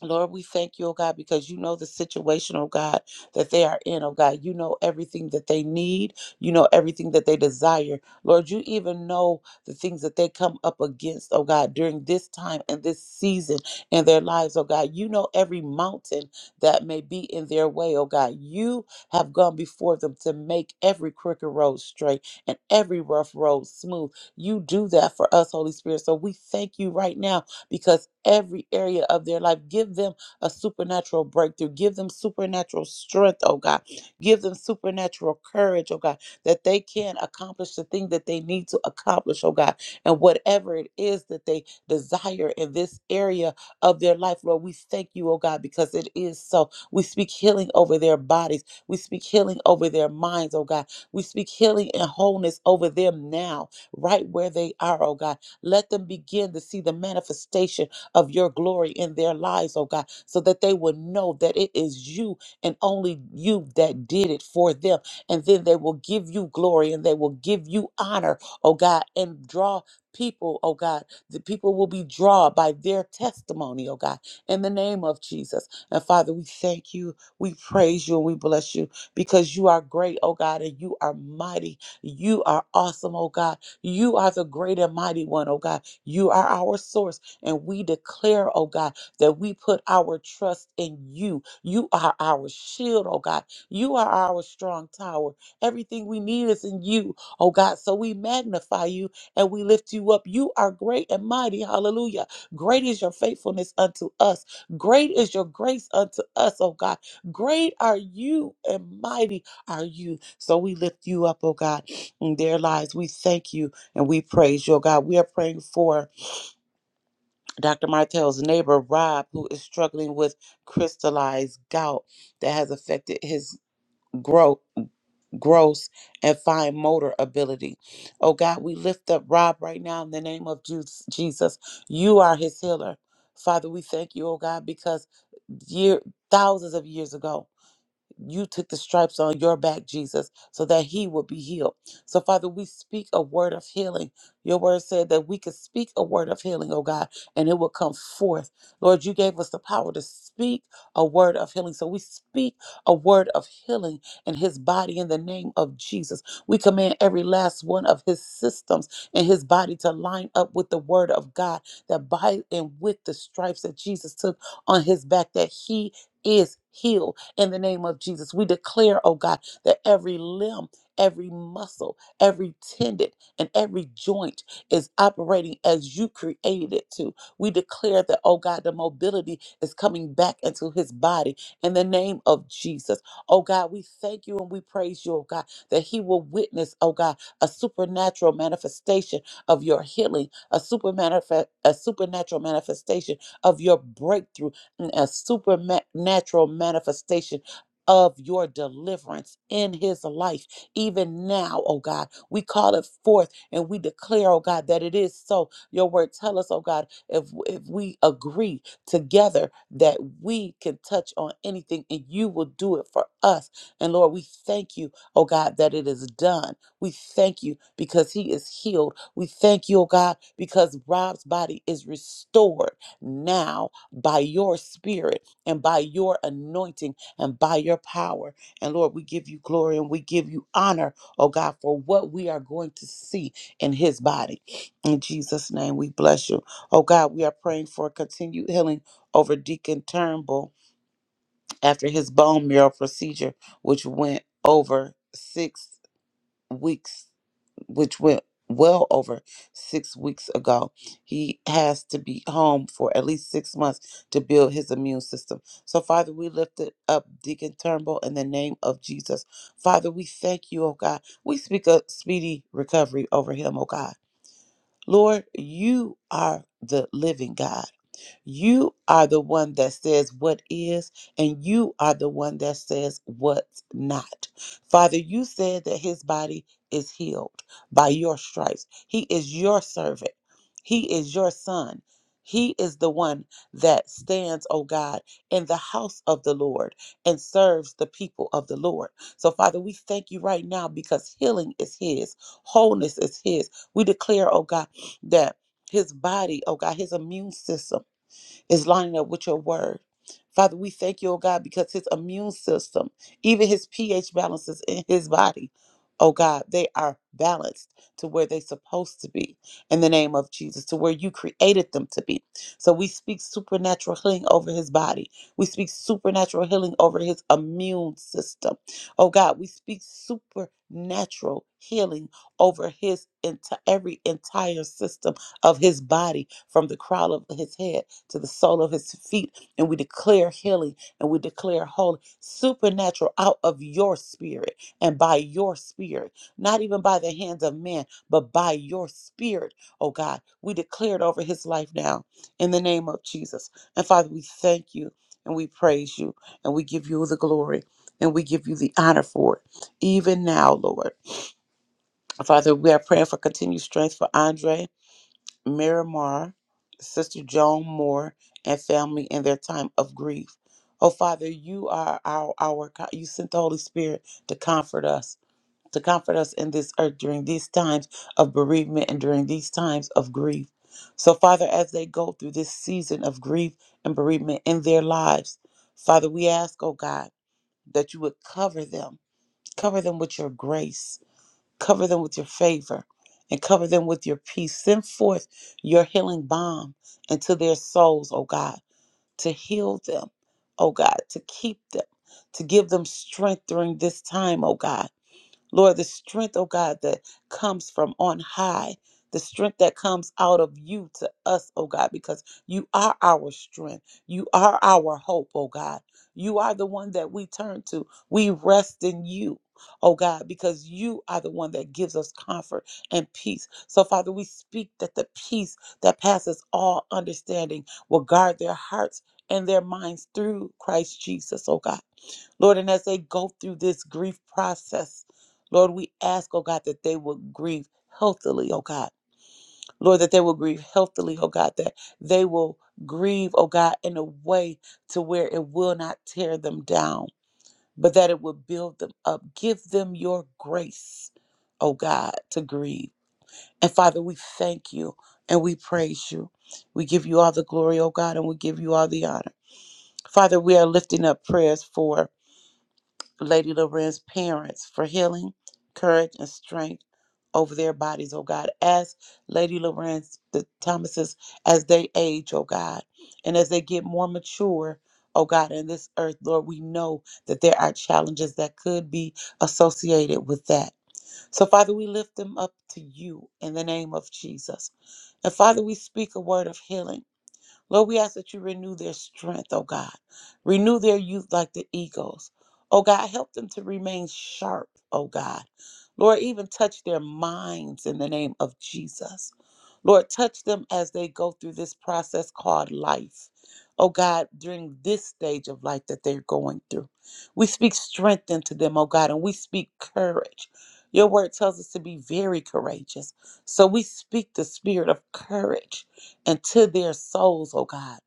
Lord, we thank you, oh God, because you know the situation, oh God, that they are in, oh God. You know everything that they need. You know everything that they desire. Lord, you even know the things that they come up against, oh God, during this time and this season in their lives, oh God. You know every mountain that may be in their way, oh God. You have gone before them to make every crooked road straight and every rough road smooth. You do that for us, Holy Spirit. So we thank you right now because every area of their life, give them a supernatural breakthrough. Give them supernatural strength, oh God. Give them supernatural courage, oh God, that they can accomplish the thing that they need to accomplish, oh God. And whatever it is that they desire in this area of their life, Lord, we thank you, oh God, because it is so. We speak healing over their bodies. We speak healing over their minds, oh God. We speak healing and wholeness over them now, right where they are, oh God let them begin to see the manifestation of your glory in their lives, oh God, so that they would know that it is you and only you that did it for them. And then they will give you glory and they will give you honor, oh God, and draw people, oh God. The people will be drawn by their testimony, oh God, in the name of Jesus. And Father, we thank you, we praise you, and we bless you because you are great, oh God, and you are mighty. You are awesome, oh God you are the great and mighty one, oh God. You are our source. And we declare, oh God, that we put our trust in you. You are our shield, oh God. You are our strong tower. Everything we need is in you, oh God. So we magnify you and we lift you up. You are great and mighty. Hallelujah. Great is your faithfulness unto us. Great is your grace unto us, oh God. Great are you and mighty are you. So we lift you up, oh God. In their lives, we thank you. And we praise your God. We are praying for Dr. Martell's neighbor, Rob, who is struggling with crystallized gout that has affected his growth, gross, and fine motor ability. Oh God, we lift up Rob right now in the name of Ju- Jesus. You are his healer. Father, we thank you, oh God, because year, thousands of years ago, you took the stripes on your back, Jesus, so that he would be healed. So, Father, we speak a word of healing. Your word said that we could speak a word of healing, oh God, and it will come forth. Lord, you gave us the power to speak a word of healing. So we speak a word of healing in his body in the name of Jesus. We command every last one of his systems in his body to line up with the word of God that by and with the stripes that Jesus took on his back, that he is healed in the name of Jesus. We declare, oh God, that every limb, every muscle, every tendon, and every joint is operating as you created it to. We declare that, oh God, the mobility is coming back into his body in the name of Jesus. Oh God, we thank you and we praise you, oh God, that he will witness, oh God, a supernatural manifestation of your healing, a super manif- a supernatural manifestation of your breakthrough a supernatural manifestation of your deliverance in his life, even now, oh God. We call it forth and we declare, oh God, that it is so. Your word tell us, oh God, if if we agree together that we can touch on anything and you will do it for us. And Lord, we thank you, oh God, that it is done. We thank you because he is healed. We thank you, oh God, because Rob's body is restored now by your spirit and by your anointing and by your power. And Lord, we give you glory and we give you honor, oh God, for what we are going to see in his body. In Jesus' name, we bless you. Oh God, we are praying for continued healing over Deacon Turnbull after his bone marrow procedure, which went over six weeks which went well over six weeks ago. He has to be home for at least six months to build his immune system. So, Father, we lift it up Deacon Turnbull in the name of Jesus. Father, we thank you, oh God. We speak a speedy recovery over him, oh God. Lord, you are the living God. You are the one that says what is, and you are the one that says what's not. Father, you said that his body is healed by your stripes. He is your servant, he is your son. He is the one that stands, oh God, in the house of the Lord and serves the people of the Lord. So, Father, we thank you right now because healing is His, wholeness is His. We declare, oh God, that His body, oh God, His immune system is lining up with your word. Father, we thank you, oh God, because his immune system, even his pH balances in his body, oh God, they are balanced to where they're supposed to be in the name of Jesus, to where you created them to be. So we speak supernatural healing over his body. We speak supernatural healing over his immune system. Oh God, we speak supernatural healing over his enti- every entire system of his body from the crown of his head to the sole of his feet. And we declare healing and we declare holy, supernatural out of your spirit and by your spirit, not even by the hands of man, but by your spirit, oh God. We declare it over his life now in the name of Jesus. And Father, we thank you and we praise you and we give you the glory. And we give you the honor for it, even now, Lord. Father, we are praying for continued strength for Andre. Miramar, Sister Joan Moore, and family in their time of grief. Oh Father, you are our our co- you sent the Holy Spirit to comfort us, to comfort us in this earth during these times of bereavement and during these times of grief. So Father, as they go through this season of grief and bereavement in their lives, Father, we ask, oh God, that you would cover them, cover them with your grace Cover them with your favor and cover them with your peace. Send forth your healing balm into their souls, oh God, to heal them, oh God, to keep them, to give them strength during this time, oh God. Lord, the strength, oh God, that comes from on high, the strength that comes out of you to us, oh God, because you are our strength. You are our hope, oh God. You are the one that we turn to. We rest in you, oh God, because you are the one that gives us comfort and peace. So, Father, we speak that the peace that passes all understanding will guard their hearts and their minds through Christ Jesus, oh God. Lord, and as they go through this grief process, Lord, we ask, oh God, that they will grieve healthily, oh God. Lord, that they will grieve healthily, oh God, that they will grieve, oh God, in a way to where it will not tear them down, but that it will build them up. Give them your grace, oh God, to grieve. And Father, we thank you and we praise you. We give you all the glory, oh God, and we give you all the honor. Father, we are lifting up prayers for Lady Loren's parents for healing, courage, and strength over their bodies, oh God. As Lady Loren's, the Thomases, as they age, oh God, and as they get more mature, oh God, in this earth, Lord, we know that there are challenges that could be associated with that. So, Father, we lift them up to you in the name of Jesus. And Father, we speak a word of healing Lord, we ask that you renew their strength, oh God. Renew their youth like the eagles. Oh God, help them to remain sharp, oh God. Lord, even touch their minds in the name of Jesus. Lord, touch them as they go through this process called life. Oh God, during this stage of life that they're going through, we speak strength into them, oh God, and we speak courage. Your word tells us to be very courageous. So we speak the spirit of courage and to their souls, oh God.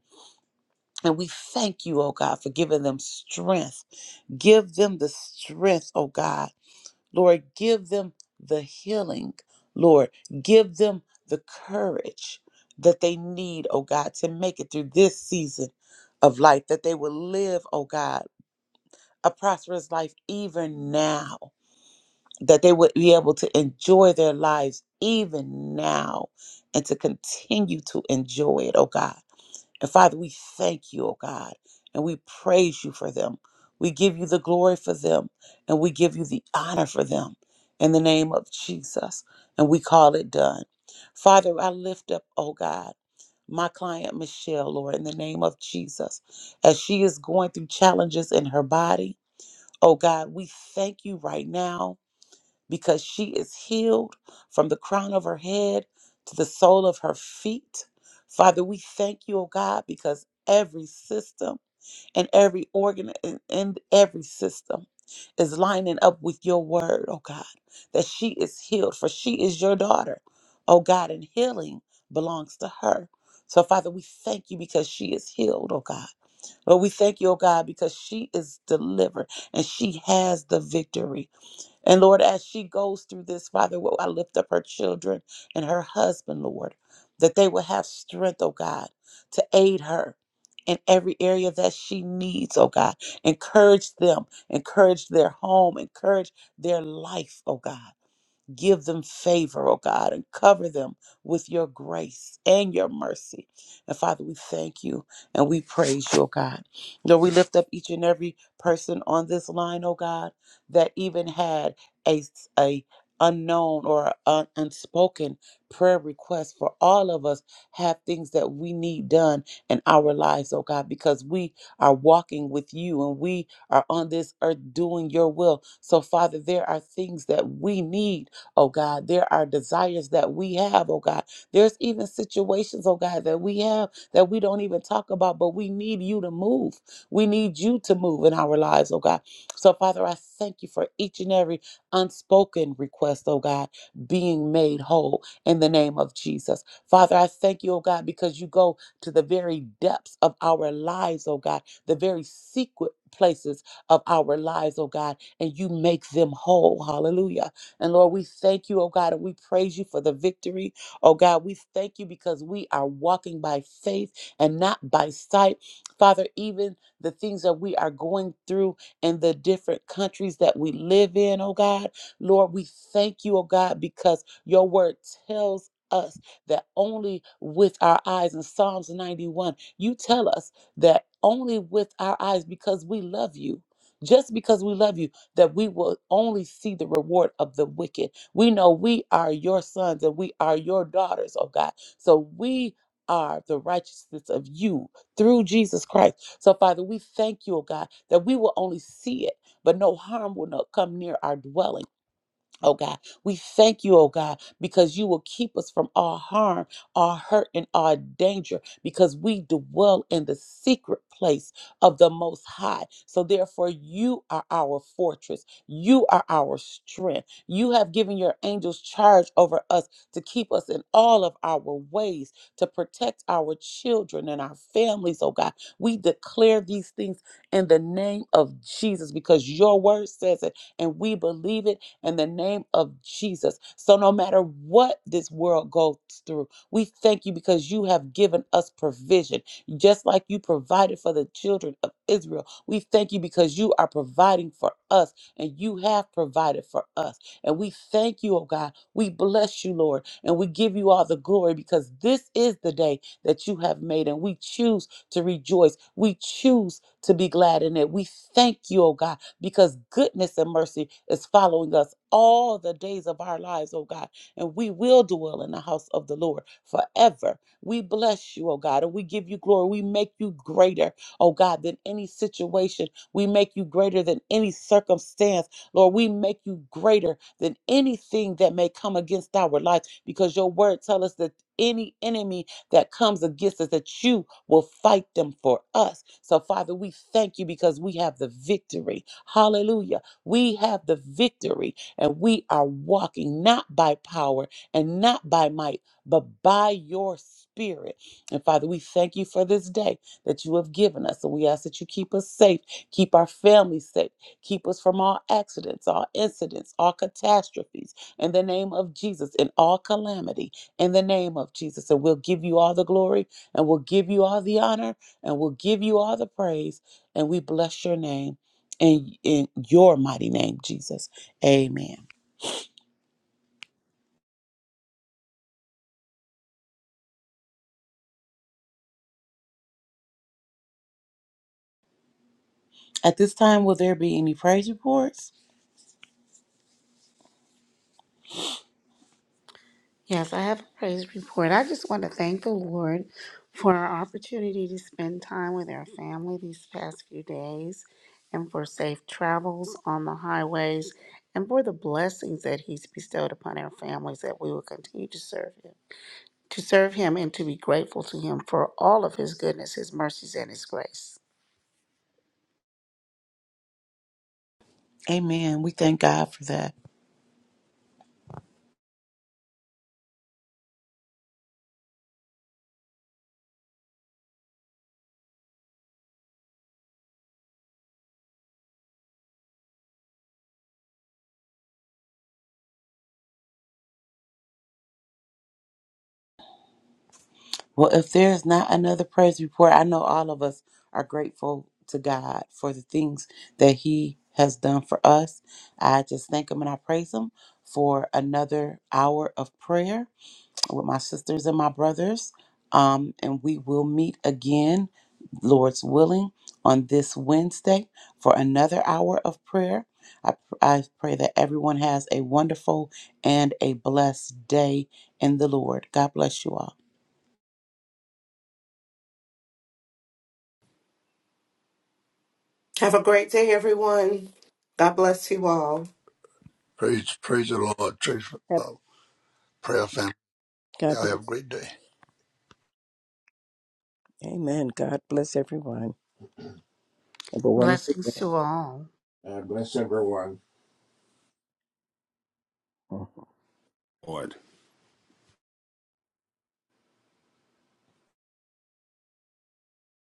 And we thank you, oh God, for giving them strength. Give them the strength, oh God. Lord, give them the healing. Lord, give them the courage that they need, oh God, to make it through this season of life, that they will live, oh God, a prosperous life even now, that they would be able to enjoy their lives even now and to continue to enjoy it, oh God. And Father, we thank you, oh God, and we praise you for them. We give you the glory for them, and we give you the honor for them in the name of Jesus, and we call it done. Father, I lift up, oh God, my client Michelle, Lord, in the name of Jesus, as she is going through challenges in her body. Oh God, we thank you right now because she is healed from the crown of her head to the sole of her feet. Father, we thank you, oh God, because every system and every organ and, and every system is lining up with your word, oh God, that she is healed, for she is your daughter, oh God, and healing belongs to her. So, Father, we thank you because she is healed, oh God. Lord, we thank you, oh God, because she is delivered and she has the victory. And Lord, as she goes through this, Father, Lord, I lift up her children and her husband, Lord, that they will have strength, oh God, to aid her in every area that she needs, oh God. Encourage them, encourage their home, encourage their life, oh God. Give them favor, oh God, and cover them with your grace and your mercy. And Father, we thank you and we praise you, oh God. Lord, we lift up each and every person on this line, oh God, that even had a, a unknown or un- unspoken prayer request for all of us have things that we need done in our lives, oh God, because we are walking with you and we are on this earth doing your will. So, Father, there are things that we need oh God. There are desires that we have, oh God. There's even situations, oh God, that we have that we don't even talk about, but we need you to move. We need you to move in our lives, oh God. So, Father, I thank you for each and every unspoken request, oh God, being made whole in the name of Jesus. Father, I thank you, oh God, because you go to the very depths of our lives, oh God, the very secret places of our lives, oh God, and you make them whole. Hallelujah. And Lord, we thank you, oh God, and we praise you for the victory. Oh God, we thank you because we are walking by faith and not by sight. Father, even the things that we are going through in the different countries that we live in, oh God, Lord, we thank you, oh God, because your word tells us that only with our eyes in Psalms 91, you tell us that only with our eyes because we love you. Just because we love you that we will only see the reward of the wicked. We know we are your sons and we are your daughters, oh God. So we are the righteousness of you through Jesus Christ. So, Father, we thank you, oh God, that we will only see it, but no harm will not come near our dwelling. Oh God, we thank you, oh God, because you will keep us from all harm, all hurt, and all danger, because we dwell in the secret place of the Most High. So, therefore, you are our fortress. You are our strength. You have given your angels charge over us to keep us in all of our ways, to protect our children and our families, oh God. We declare these things in the name of Jesus because your word says it and we believe it in the name of Jesus. So no matter what this world goes through, we thank you because you have given us provision, just like you provided for the children of Israel. We thank you because you are providing for us and you have provided for us. And we thank you, oh God. We bless you, Lord, and we give you all the glory because this is the day that you have made and we choose to rejoice. We choose to be glad in it. We thank you, oh God because goodness and mercy is following us all the days of our lives, oh God. And we will dwell in the house of the Lord forever. We bless you, oh God, and we give you glory. We make you greater, oh God, than any situation. We make you greater than any circumstance. Lord, we make you greater than anything that may come against our life because your word tells us that any enemy that comes against us, that you will fight them for us. So, Father, we thank you because we have the victory. Hallelujah. We have the victory, and we are walking not by power and not by might, but by your spirit. And Father, we thank you for this day that you have given us. And we ask that you keep us safe, keep our families safe, keep us from all accidents, all incidents, all catastrophes. In the name of Jesus, in all calamity in the name of Jesus. And we'll give you all the glory and we'll give you all the honor and we'll give you all the praise. And we bless your name in, in your mighty name, Jesus. Amen. At this time, will there be any praise reports? Yes, I have a praise report. I just want to thank the Lord for our opportunity to spend time with our family these past few days and for safe travels on the highways and for the blessings that he's bestowed upon our families that we will continue to serve him. To serve him and to be grateful to him for all of his goodness, his mercies, and his grace. Amen. We thank God for that. Well, if there is not another praise report, I know all of us are grateful to God for the things that He has done for us. I just thank Him and I praise Him for another hour of prayer. with my sisters and my brothers. Um, and we will meet again, Lord's willing, on this Wednesday for another hour of prayer. I, I pray that everyone has a wonderful and a blessed day in the Lord. God bless you all. Have a great day, everyone. God bless you all. Praise, praise the Lord. Praise, uh, Have- prayer family. God Y'all have a bless. great day. Amen. God bless everyone. Have a wonderful Blessings day. to all. God bless everyone. Lord.